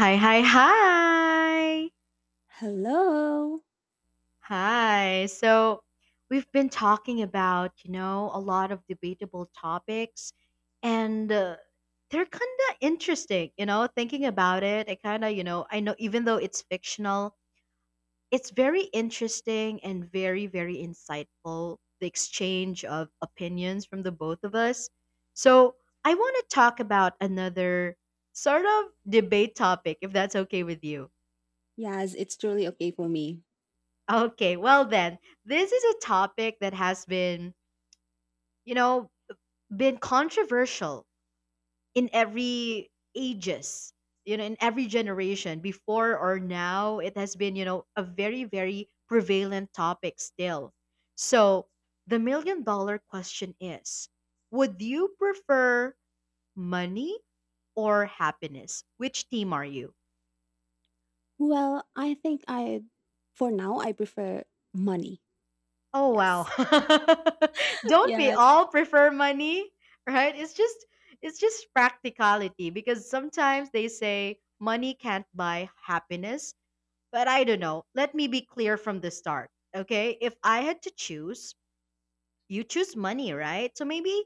Hi. Hello. Hi. So we've been talking about, a lot of debatable topics and they're kind of interesting, you know, thinking about it. I kind of, you know, I know even though it's fictional, it's very interesting and very, very insightful, the exchange of opinions from the both of us. So I want to talk about another sort of debate topic, if that's okay with you. Yes, it's truly okay for me. Okay, well then, this is a topic that has been, you know, been controversial in every ages, you know, in every generation before or now. It has been, a very, very prevalent topic still. So, the million dollar question is, would you prefer money or happiness? Which team are you? Well, I think for now, I prefer money. Oh wow. Yes. Don't we Yes. all prefer money? Right? It's just practicality because sometimes they say money can't buy happiness, but I don't know. Let me be clear from the start. Okay? If I had to choose, you choose money, right? So maybe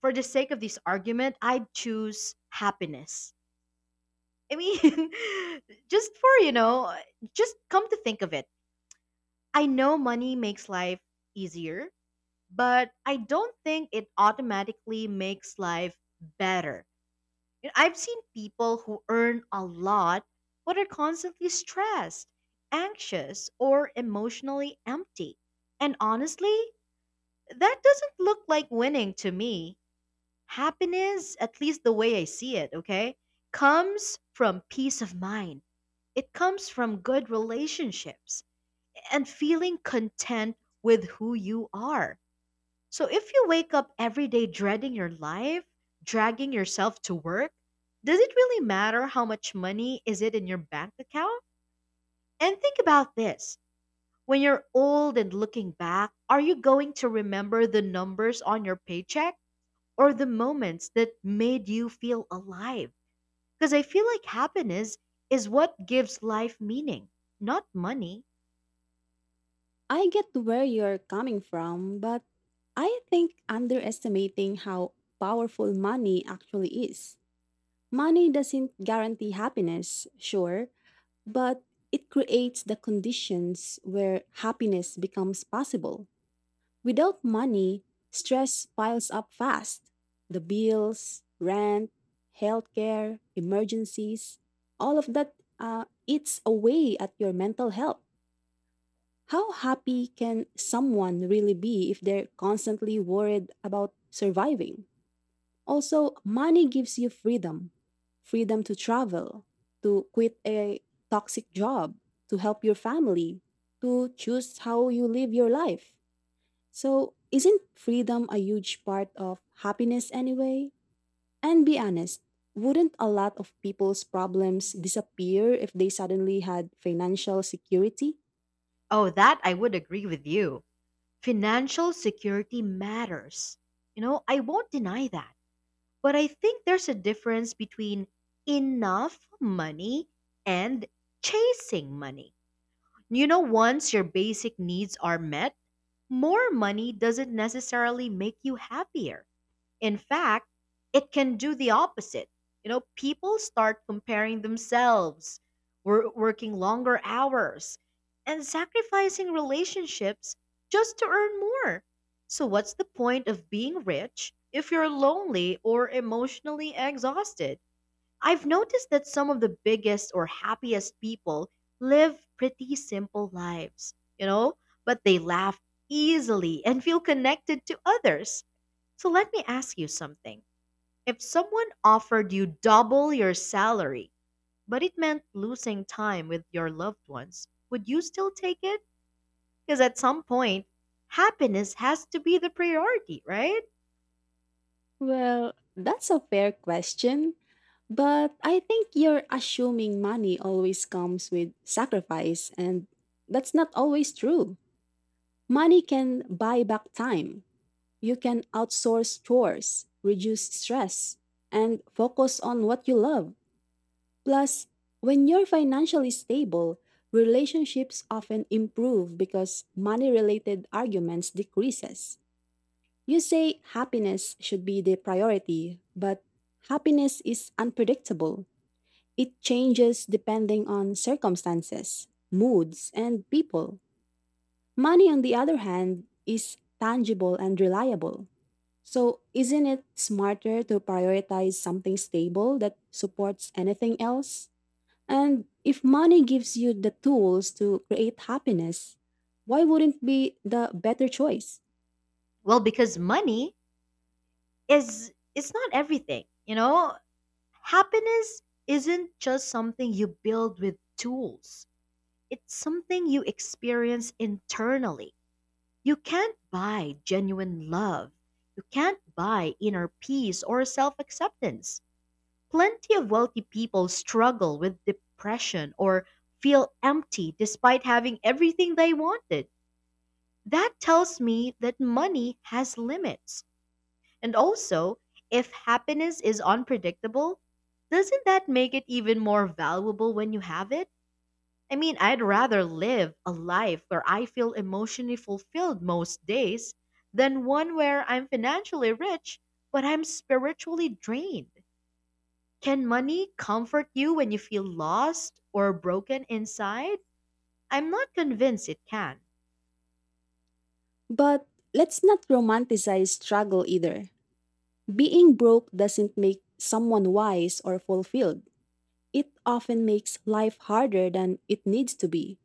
for the sake of this argument, I'd choose happiness. I mean, just for, you know, just come to think of it. I know money makes life easier but I don't think it automatically makes life better. You know, I've seen people who earn a lot but are constantly stressed, anxious, or emotionally empty. And honestly, that doesn't look like winning to me. Happiness, at least the way I see it, okay, comes from peace of mind. It comes from good relationships and feeling content with who you are, so if you wake up every day dreading your life, dragging yourself to work, does it really matter how much money is it in your bank account? And think about this. When you're old and looking back, are you going to remember the numbers on your paycheck or the moments that made you feel alive? Because I feel like happiness is what gives life meaning, not money. I get where you're coming from, but I think underestimating how powerful money actually is. Money doesn't guarantee happiness, sure, but it creates the conditions where happiness becomes possible. Without money, stress piles up fast. The bills, rent, healthcare, emergencies, all of that eats away at your mental health. How happy can someone really be if they're constantly worried about surviving? Also, money gives you freedom, to travel, to quit a toxic job, to help your family, to choose how you live your life. So, isn't freedom a huge part of happiness anyway? And be honest, wouldn't a lot of people's problems disappear if they suddenly had financial security? Oh, that I would agree with you. Financial security matters. You know, I won't deny that. But I think there's a difference between enough money and chasing money. You know, once your basic needs are met, more money doesn't necessarily make you happier. In fact, it can do the opposite. You know, people start comparing themselves, working longer hours, and sacrificing relationships just to earn more. So, what's the point of being rich if you're lonely or emotionally exhausted? I've noticed that some of the biggest or happiest people live pretty simple lives, you know, but they laugh easily and feel connected to others. So let me ask you something. If someone offered you double your salary, but it meant losing time with your loved ones, would you still take it? Because at some point, happiness has to be the priority, right? Well, that's a fair question. But I think you're assuming money always comes with sacrifice, and that's not always true. Money can buy back time. You can outsource chores, reduce stress, and focus on what you love. Plus, when you're financially stable, relationships often improve because money-related arguments decreases. You say happiness should be the priority, but happiness is unpredictable. It changes depending on circumstances, moods, and people. Money, on the other hand, is tangible and reliable. So, isn't it smarter to prioritize something stable that supports anything else? And if money gives you the tools to create happiness, why wouldn't be the better choice? Well, because money is, it's not everything, you know? Happiness isn't just something you build with tools. It's something you experience internally. You can't buy genuine love. You can't buy inner peace or self acceptance. Plenty of wealthy people struggle with depression or feel empty despite having everything they wanted. That tells me that money has limits. And also, if happiness is unpredictable, doesn't that make it even more valuable when you have it? I mean, I'd rather live a life where I feel emotionally fulfilled most days than one where I'm financially rich but I'm spiritually drained. Can money comfort you when you feel lost or broken inside? I'm not convinced it can. But let's not romanticize struggle either. Being broke doesn't make someone wise or fulfilled. It often makes life harder than it needs to be.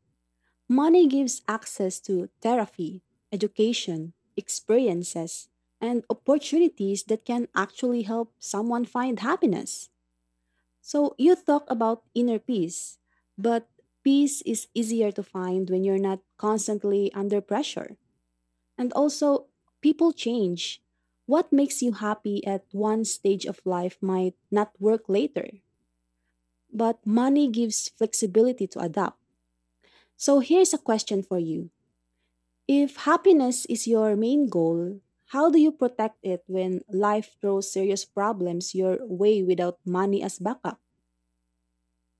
Money gives access to therapy, education, experiences, and opportunities that can actually help someone find happiness. So you talk about inner peace, but peace is easier to find when you're not constantly under pressure. And also, people change. What makes you happy at one stage of life might not work later, but money gives flexibility to adapt. So here's a question for you. If happiness is your main goal, how do you protect it when life throws serious problems your way without money as backup?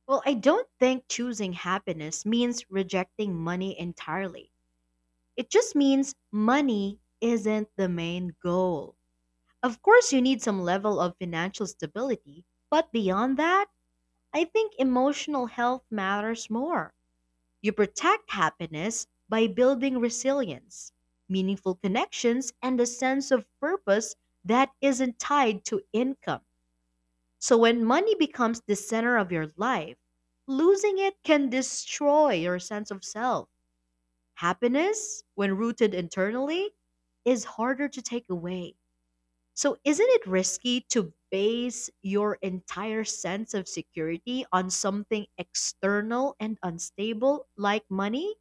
Well, I don't think choosing happiness means rejecting money entirely. It just means money isn't the main goal. Of course, you need some level of financial stability, but beyond that, I think emotional health matters more. You protect happiness by building resilience, meaningful connections, and a sense of purpose that isn't tied to income. So when money becomes the center of your life, losing it can destroy your sense of self. Happiness, when rooted internally, is harder to take away. So, isn't it risky to base your entire sense of security on something external and unstable like money?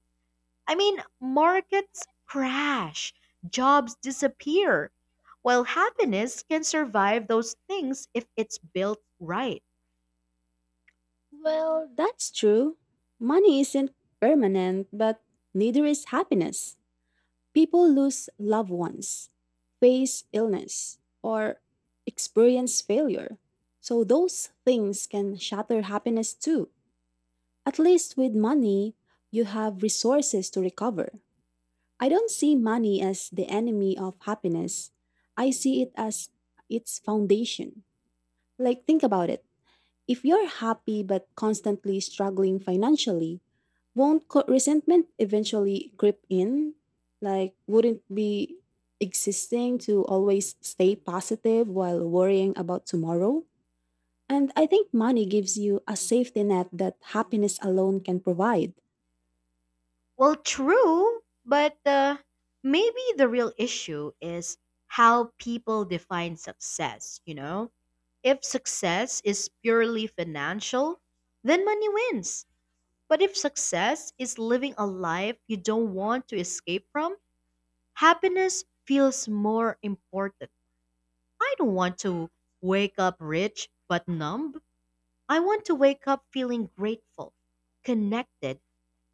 I mean, markets crash, jobs disappear, while happiness can survive those things if it's built right. Well, that's true. Money isn't permanent, but neither is happiness. People lose loved ones, face illness, or experience failure. So those things can shatter happiness too. At least with money, you have resources to recover. I don't see money as the enemy of happiness. I see it as its foundation. Like, think about it. If you're happy but constantly struggling financially, won't resentment eventually grip in? Like, wouldn't be existing to always stay positive while worrying about tomorrow? And I think money gives you a safety net that happiness alone can provide. Well, true, but maybe the real issue is how people define success, you know? If success is purely financial, then money wins. But if success is living a life you don't want to escape from, happiness feels more important. I don't want to wake up rich but numb. I want to wake up feeling grateful, connected,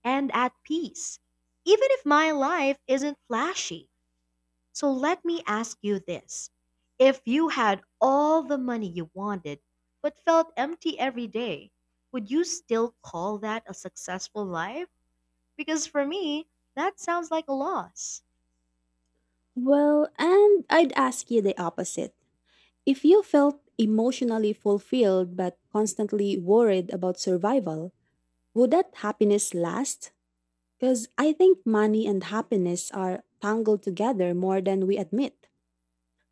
and at peace, even if my life isn't flashy. So let me ask you this. If you had all the money you wanted, but felt empty every day, would you still call that a successful life? Because for me, that sounds like a loss. Well, and I'd ask you the opposite. If you felt emotionally fulfilled but constantly worried about survival, would that happiness last? Because I think money and happiness are tangled together more than we admit.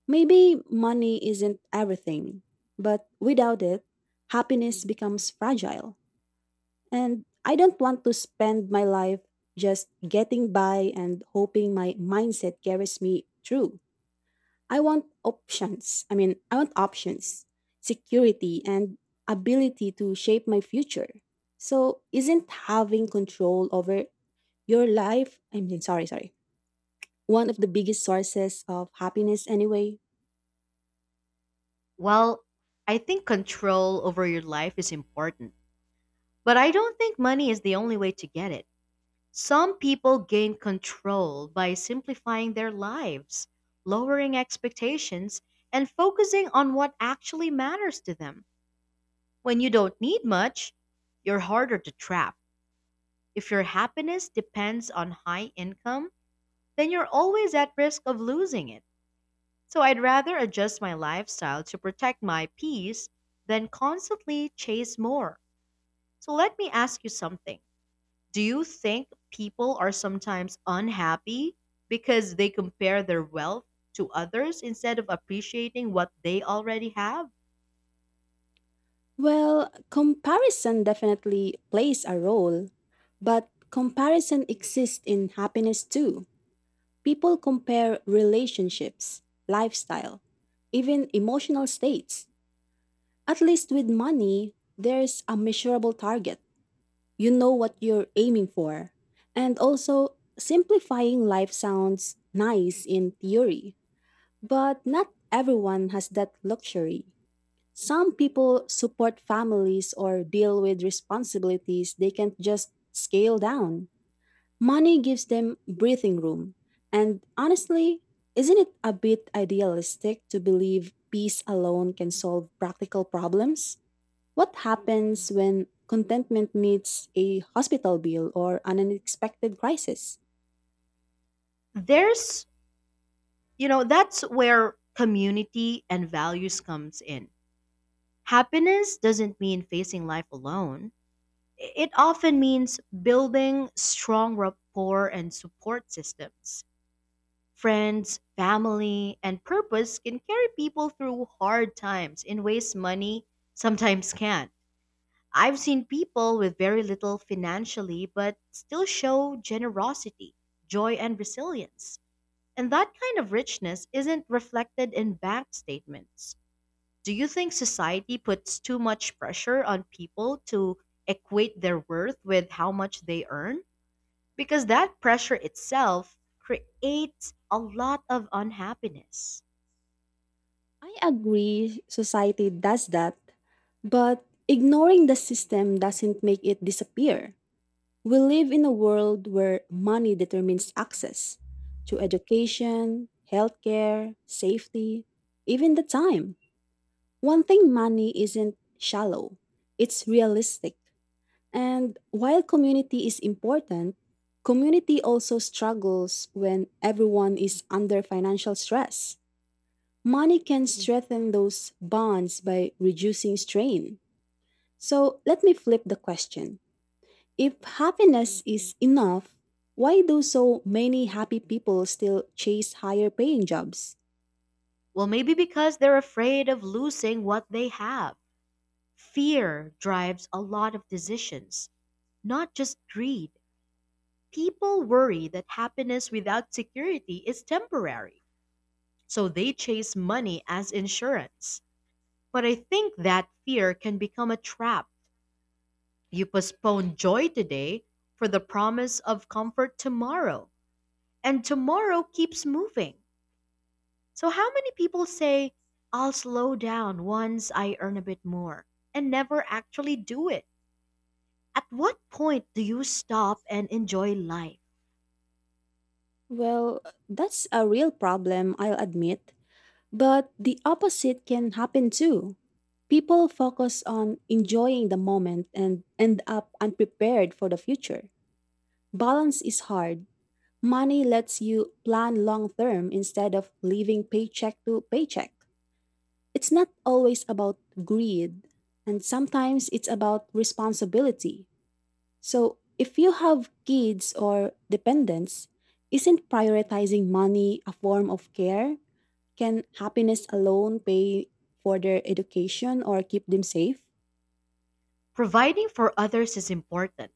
Maybe money isn't everything, but without it, happiness becomes fragile. And I don't want to spend my life just getting by and hoping my mindset carries me through. I want options. I mean, I want options, security, and ability to shape my future. So, isn't having control over your life, I mean, sorry, one of the biggest sources of happiness anyway? Well, I think control over your life is important, but I don't think money is the only way to get it. Some people gain control by simplifying their lives, lowering expectations, and focusing on what actually matters to them. When you don't need much, you're harder to trap. If your happiness depends on high income, then you're always at risk of losing it. So I'd rather adjust my lifestyle to protect my peace than constantly chase more. So let me ask you something. Do you think people are sometimes unhappy because they compare their wealth to others instead of appreciating what they already have? Well, comparison definitely plays a role, but comparison exists in happiness too. People compare relationships, lifestyle, even emotional states. At least with money, there's a measurable target. You know what you're aiming for. And also, simplifying life sounds nice in theory, but not everyone has that luxury. Some people support families or deal with responsibilities they can't just scale down. Money gives them breathing room. And honestly, isn't it a bit idealistic to believe peace alone can solve practical problems? What happens when contentment meets a hospital bill or an unexpected crisis? There's, you know, that's where community and values comes in. Happiness doesn't mean facing life alone. It often means building strong rapport and support systems. Friends, family, and purpose can carry people through hard times in ways money sometimes can. I've seen people with very little financially but still show generosity, joy, and resilience. And that kind of richness isn't reflected in bank statements. Do you think society puts too much pressure on people to equate their worth with how much they earn? Because that pressure itself creates a lot of unhappiness. I agree, society does that, but ignoring the system doesn't make it disappear. We live in a world where money determines access to education, healthcare, safety, even the time. One thing money isn't shallow, it's realistic. And while community is important, community also struggles when everyone is under financial stress. Money can strengthen those bonds by reducing strain. So let me flip the question. If happiness is enough, why do so many happy people still chase higher paying jobs? Well, maybe because they're afraid of losing what they have. Fear drives a lot of decisions, not just greed. People worry that happiness without security is temporary, so they chase money as insurance. But I think that fear can become a trap. You postpone joy today for the promise of comfort tomorrow, and tomorrow keeps moving. So, how many people say, I'll slow down once I earn a bit more, and never actually do it? At what point do you stop and enjoy life? Well, that's a real problem, I'll admit, but the opposite can happen too. People focus on enjoying the moment and end up unprepared for the future. Balance is hard. Money lets you plan long term instead of living paycheck to paycheck. It's not always about greed, and sometimes it's about responsibility. So, if you have kids or dependents, isn't prioritizing money a form of care? Can happiness alone pay for their education or keep them safe? Providing for others is important,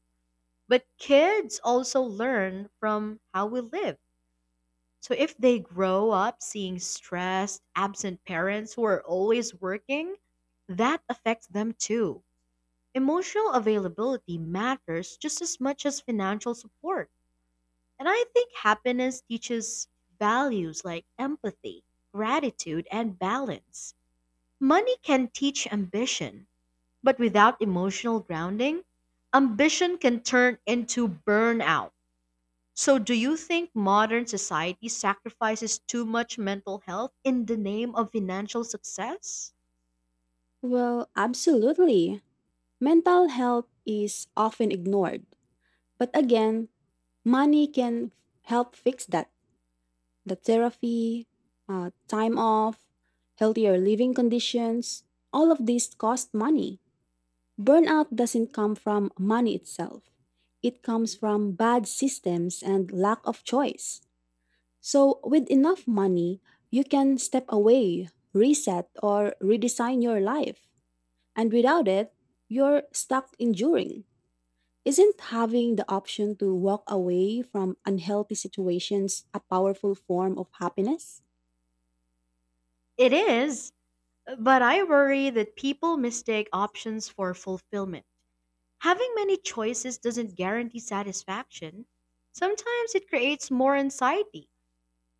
but kids also learn from how we live. So if they grow up seeing stressed, absent parents who are always working, that affects them too. Emotional availability matters just as much as financial support. And I think happiness teaches values like empathy, gratitude, and balance. Money can teach ambition, but without emotional grounding, ambition can turn into burnout. So, do you think modern society sacrifices too much mental health in the name of financial success? Well, absolutely. Mental health is often ignored. But again, money can help fix that. The therapy, time off, healthier living conditions, all of these cost money. Burnout doesn't come from money itself, it comes from bad systems and lack of choice. So, with enough money, you can step away, reset, or redesign your life. And without it, you're stuck enduring. Isn't having the option to walk away from unhealthy situations a powerful form of happiness? It is, but I worry that people mistake options for fulfillment. Having many choices doesn't guarantee satisfaction. Sometimes it creates more anxiety.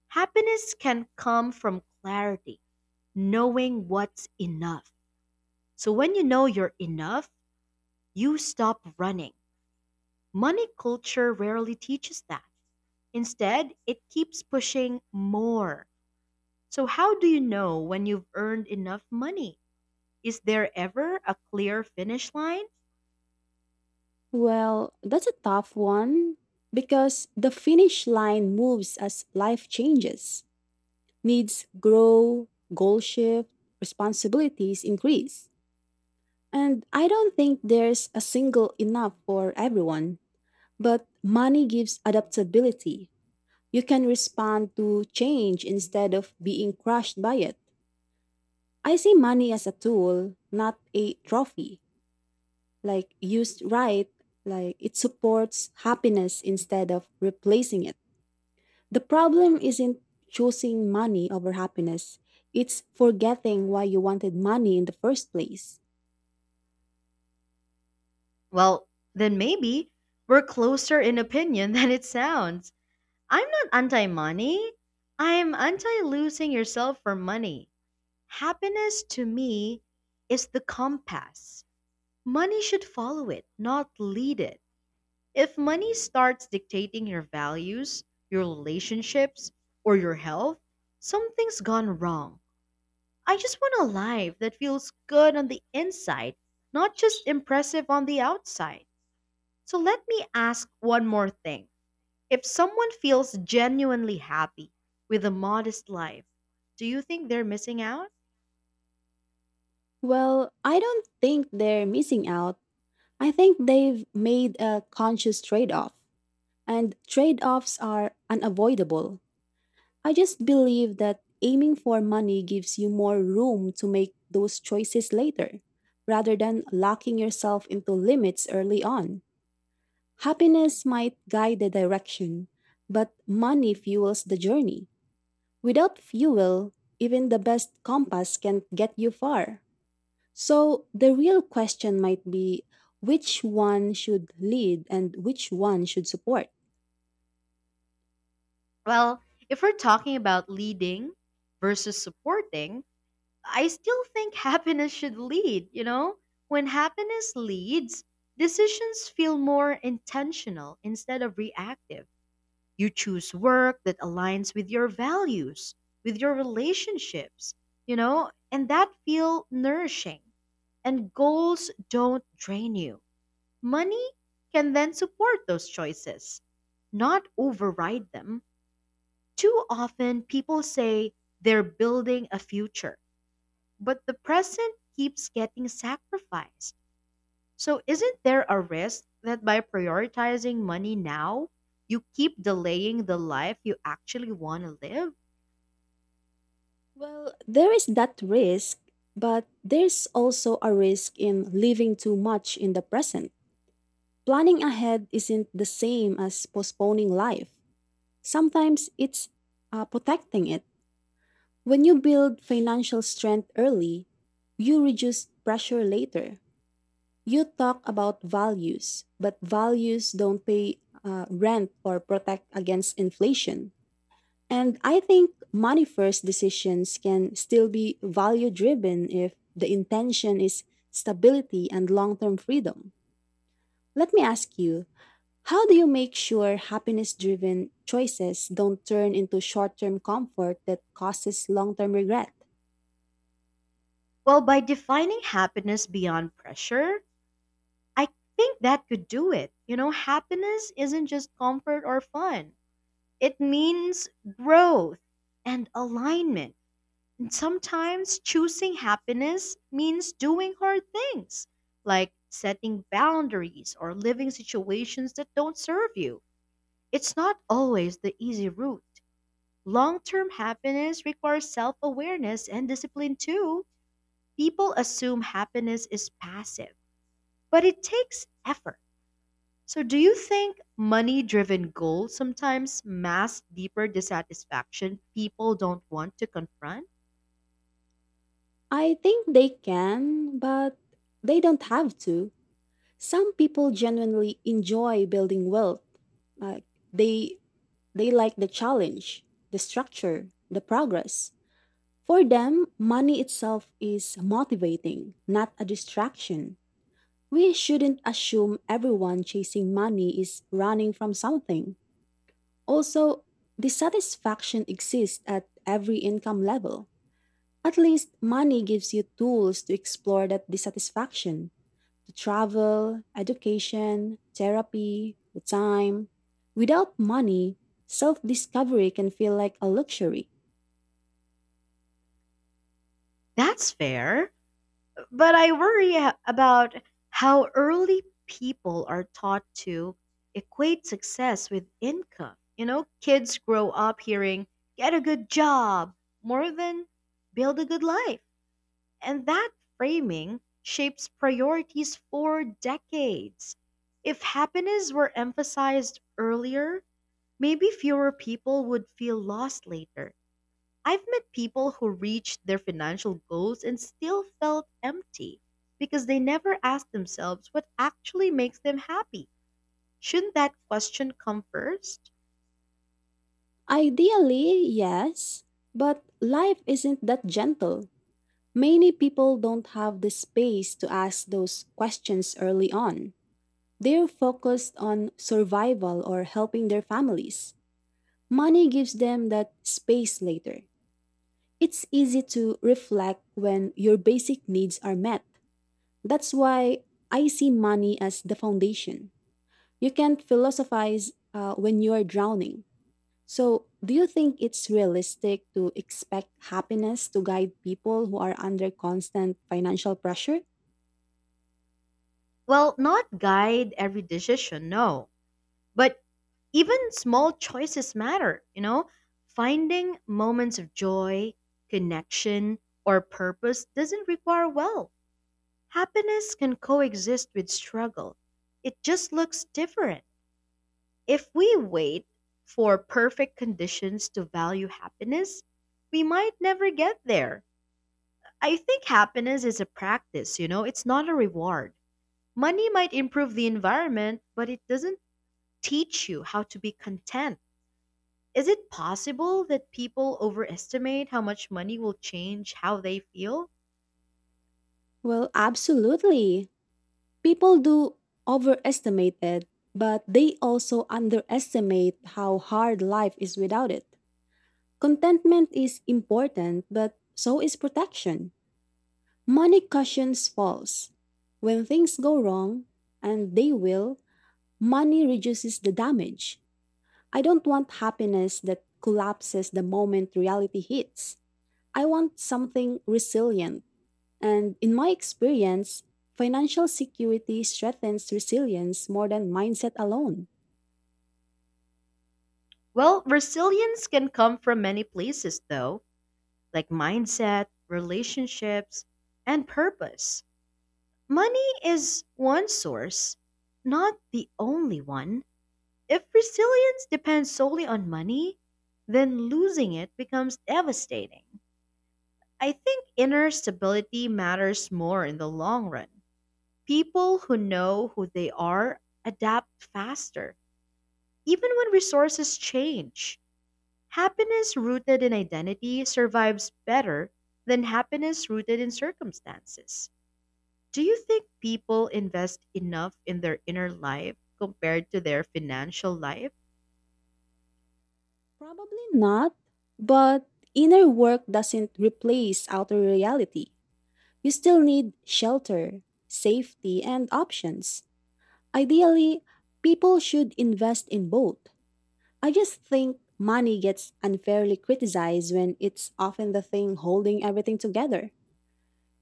Happiness can come from clarity, knowing what's enough. So when you know you're enough, you stop running. Money culture rarely teaches that. Instead, it keeps pushing more. So, how do you know when you've earned enough money? Is there ever a clear finish line? Well, that's a tough one because the finish line moves as life changes. Needs grow, goal shift, responsibilities increase. And I don't think there's a single enough for everyone, but money gives adaptability. You can respond to change instead of being crushed by it. I see money as a tool, not a trophy. Like used right, like it supports happiness instead of replacing it. The problem isn't choosing money over happiness, it's forgetting why you wanted money in the first place. Well, then maybe we're closer in opinion than it sounds. I'm not anti money, I'm anti losing yourself for money. Happiness to me is the compass. Money should follow it, not lead it. If money starts dictating your values, your relationships, or your health, something's gone wrong. I just want a life that feels good on the inside, not just impressive on the outside. So let me ask one more thing. If someone feels genuinely happy with a modest life, do you think they're missing out? Well, I don't think they're missing out. I think they've made a conscious trade off, and trade offs are unavoidable. I just believe that aiming for money gives you more room to make those choices later, rather than locking yourself into limits early on. Happiness might guide the direction, but money fuels the journey. Without fuel, even the best compass can't get you far. So the real question might be which one should lead and which one should support? Well, if we're talking about leading versus supporting, I still think happiness should lead, you know? When happiness leads, decisions feel more intentional instead of reactive. You choose work that aligns with your values, with your relationships, you know, and that feel nourishing. And goals don't drain you. Money can then support those choices, not override them. Too often people say they're building a future but the present keeps getting sacrificed. So, isn't there a risk that by prioritizing money now, you keep delaying the life you actually want to live? Well, there is that risk, but there's also a risk in living too much in the present. Planning ahead isn't the same as postponing life. Sometimes it's protecting it. When you build financial strength early, you reduce pressure later. You talk about values, but values don't pay rent or protect against inflation. And I think money first decisions can still be value driven if the intention is stability and long term freedom. Let me ask you, how do you make sure happiness driven choices don't turn into short term comfort that causes long term regret? Well, by defining happiness beyond pressure, I think that could do it. You know, happiness isn't just comfort or fun, it means growth and alignment. And sometimes choosing happiness means doing hard things, like setting boundaries or living situations that don't serve you. It's not always the easy route. Long term happiness requires self awareness and discipline too. People assume happiness is passive, but it takes effort. So, do you think money driven goals sometimes mask deeper dissatisfaction people don't want to confront? I think they can, but they don't have to. Some people genuinely enjoy building wealth. Uh, they they like the challenge, the structure, the progress. For them, money itself is motivating, not a distraction. We shouldn't assume everyone chasing money is running from something. Also, dissatisfaction exists at every income level. At least, money gives you tools to explore that dissatisfaction to travel, education, therapy, the time. Without money, self discovery can feel like a luxury. That's fair. But I worry about how early people are taught to equate success with income. You know, kids grow up hearing, get a good job more than build a good life. And that framing shapes priorities for decades. If happiness were emphasized earlier, maybe fewer people would feel lost later. I've met people who reached their financial goals and still felt empty because they never asked themselves what actually makes them happy. Shouldn't that question come first? Ideally, yes, but life isn't that gentle. Many people don't have the space to ask those questions early on. They're focused on survival or helping their families. Money gives them that space later. It's easy to reflect when your basic needs are met. That's why I see money as the foundation. You can't philosophize when you are drowning. So, do you think it's realistic to expect happiness to guide people who are under constant financial pressure? Well, not guide every decision, no. But even small choices matter, you know? Finding moments of joy, connection, or purpose doesn't require wealth. Happiness can coexist with struggle, it just looks different. If we wait for perfect conditions to value happiness, we might never get there. I think happiness is a practice, you know, it's not a reward. Money might improve the environment, but it doesn't teach you how to be content. Is it possible that people overestimate how much money will change how they feel? Well, absolutely. People do overestimate it, but they also underestimate how hard life is without it. Contentment is important, but so is protection. Money cushions falls. When things go wrong, and they will, money reduces the damage. I don't want happiness that collapses the moment reality hits. I want something resilient. And in my experience, financial security strengthens resilience more than mindset alone. Well, resilience can come from many places, though, like mindset, relationships, and purpose. Money is one source, not the only one. If resilience depends solely on money, then losing it becomes devastating. I think inner stability matters more in the long run. People who know who they are adapt faster, even when resources change. Happiness rooted in identity survives better than happiness rooted in circumstances. Do you think people invest enough in their inner life compared to their financial life? Probably not, but inner work doesn't replace outer reality. You still need shelter, safety, and options. Ideally, people should invest in both. I just think money gets unfairly criticized when it's often the thing holding everything together.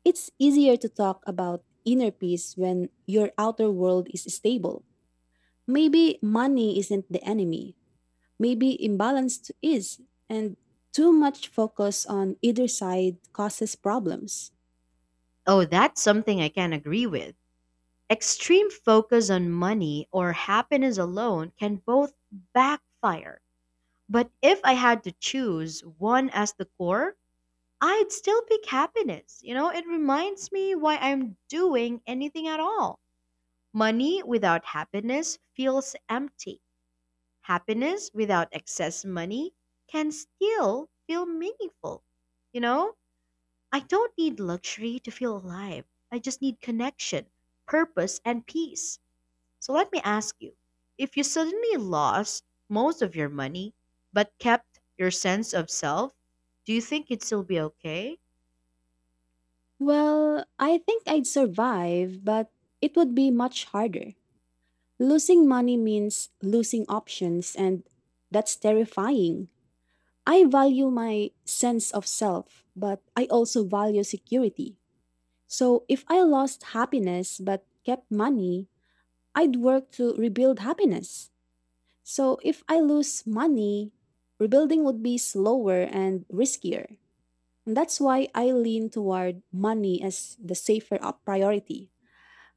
It's easier to talk about inner peace when your outer world is stable. Maybe money isn't the enemy. Maybe imbalance is, and too much focus on either side causes problems. Oh, that's something I can agree with. Extreme focus on money or happiness alone can both backfire. But if I had to choose one as the core, I'd still pick happiness. You know, it reminds me why I'm doing anything at all. Money without happiness feels empty. Happiness without excess money can still feel meaningful. You know, I don't need luxury to feel alive. I just need connection, purpose, and peace. So let me ask you, if you suddenly lost most of your money but kept your sense of self, do you think you'd still be okay? Well, I think I'd survive, but it would be much harder. Losing money means losing options, and that's terrifying. I value my sense of self, but I also value security. So if I lost happiness but kept money, I'd work to rebuild happiness. So if I lose money, rebuilding would be slower and riskier. And that's why I lean toward money as the safer priority.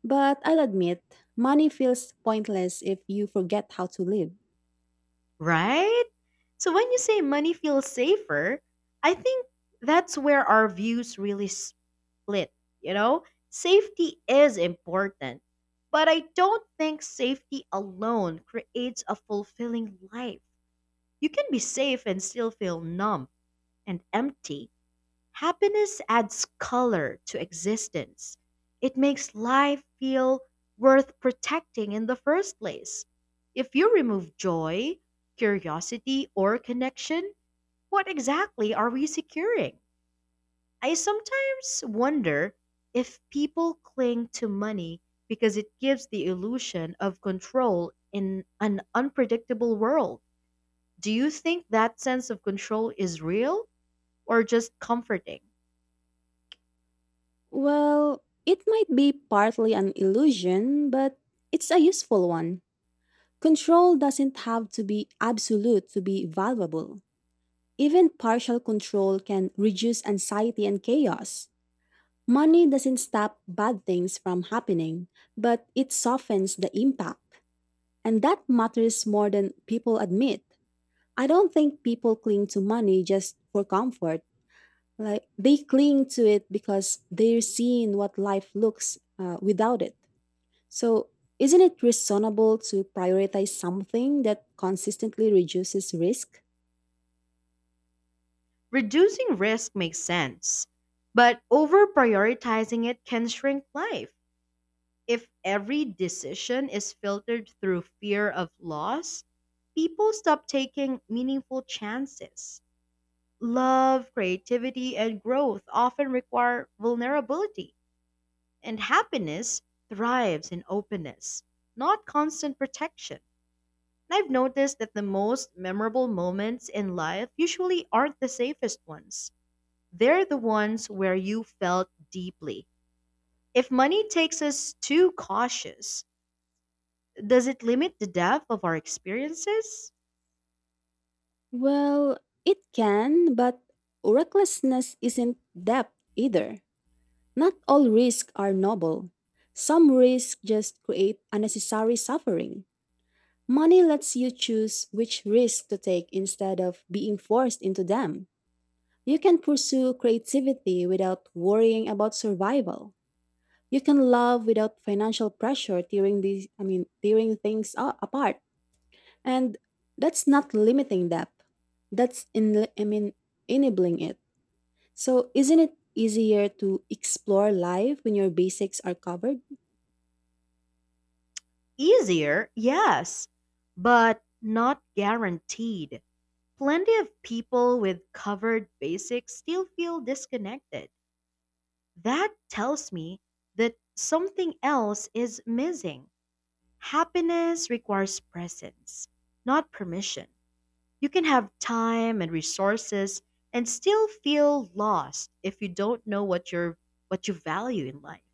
But I'll admit, money feels pointless if you forget how to live. Right? So when you say money feels safer, I think that's where our views really split, you know? Safety is important, but I don't think safety alone creates a fulfilling life. You can be safe and still feel numb and empty. Happiness adds color to existence. It makes life feel worth protecting in the first place. If you remove joy, curiosity, or connection, what exactly are we securing? I sometimes wonder if people cling to money because it gives the illusion of control in an unpredictable world. Do you think that sense of control is real or just comforting? Well, it might be partly an illusion, but it's a useful one. Control doesn't have to be absolute to be valuable. Even partial control can reduce anxiety and chaos. Money doesn't stop bad things from happening, but it softens the impact. And that matters more than people admit. I don't think people cling to money just for comfort, like they cling to it because they're seeing what life looks without it. So, isn't it reasonable to prioritize something that consistently reduces risk? Reducing risk makes sense, but over prioritizing it can shrink life. If every decision is filtered through fear of loss, people stop taking meaningful chances. Love, creativity, and growth often require vulnerability, and happiness thrives in openness, not constant protection. And I've noticed that the most memorable moments in life usually aren't the safest ones. They're the ones where you felt deeply. If money takes us too cautious, does it limit the depth of our experiences? Well, it can, but recklessness isn't depth either. Not all risks are noble. Some risks just create unnecessary suffering. Money lets you choose which risk to take instead of being forced into them. You can pursue creativity without worrying about survival. You can love without financial pressure tearing these I mean tearing things apart. And that's not limiting depth. That's in I mean enabling it. So isn't it easier to explore life when your basics are covered? Easier, yes, but not guaranteed. Plenty of people with covered basics still feel disconnected. That tells me that something else is missing. Happiness requires presence, not permission. You can have time and resources and still feel lost if you don't know what you're what you value in life.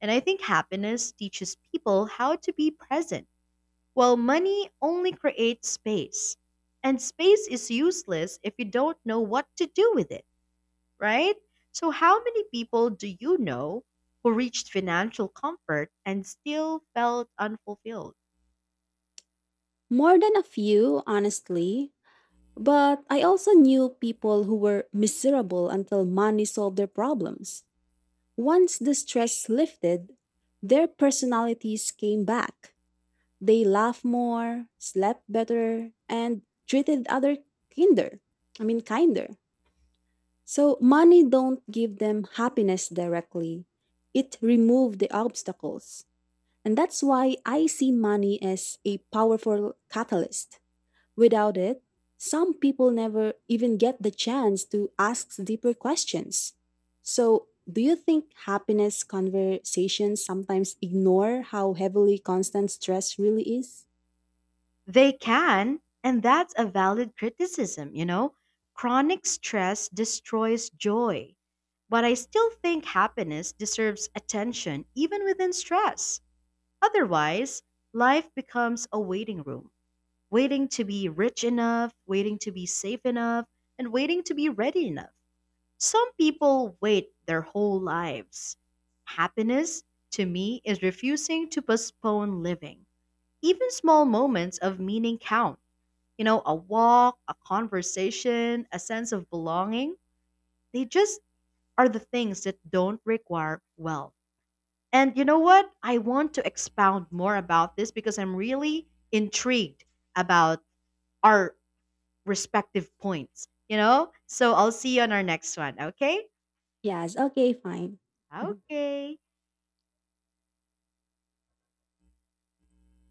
And I think happiness teaches people how to be present, well, money only creates space, and space is useless if you don't know what to do with it, right? So, how many people do you know who reached financial comfort and still felt unfulfilled? More than a few, honestly. But I also knew people who were miserable until money solved their problems. Once the stress lifted, their personalities came back. They laugh more, slept better, and treated other kinder. I mean kinder. So money don't give them happiness directly. It remove the obstacles. And that's why I see money as a powerful catalyst. Without it, some people never even get the chance to ask deeper questions. So, do you think happiness conversations sometimes ignore how heavily constant stress really is? They can, and that's a valid criticism, you know? Chronic stress destroys joy, but I still think happiness deserves attention even within stress. Otherwise, life becomes a waiting room. Waiting to be rich enough, waiting to be safe enough, and waiting to be ready enough. Some people wait their whole lives. Happiness, to me, is refusing to postpone living. Even small moments of meaning count. You know, a walk, a conversation, a sense of belonging. They just are the things that don't require wealth. And you know what? I want to expound more about this because I'm really intrigued about our respective points, you know? So I'll see you on our next one, okay? Yes, okay, fine. Okay.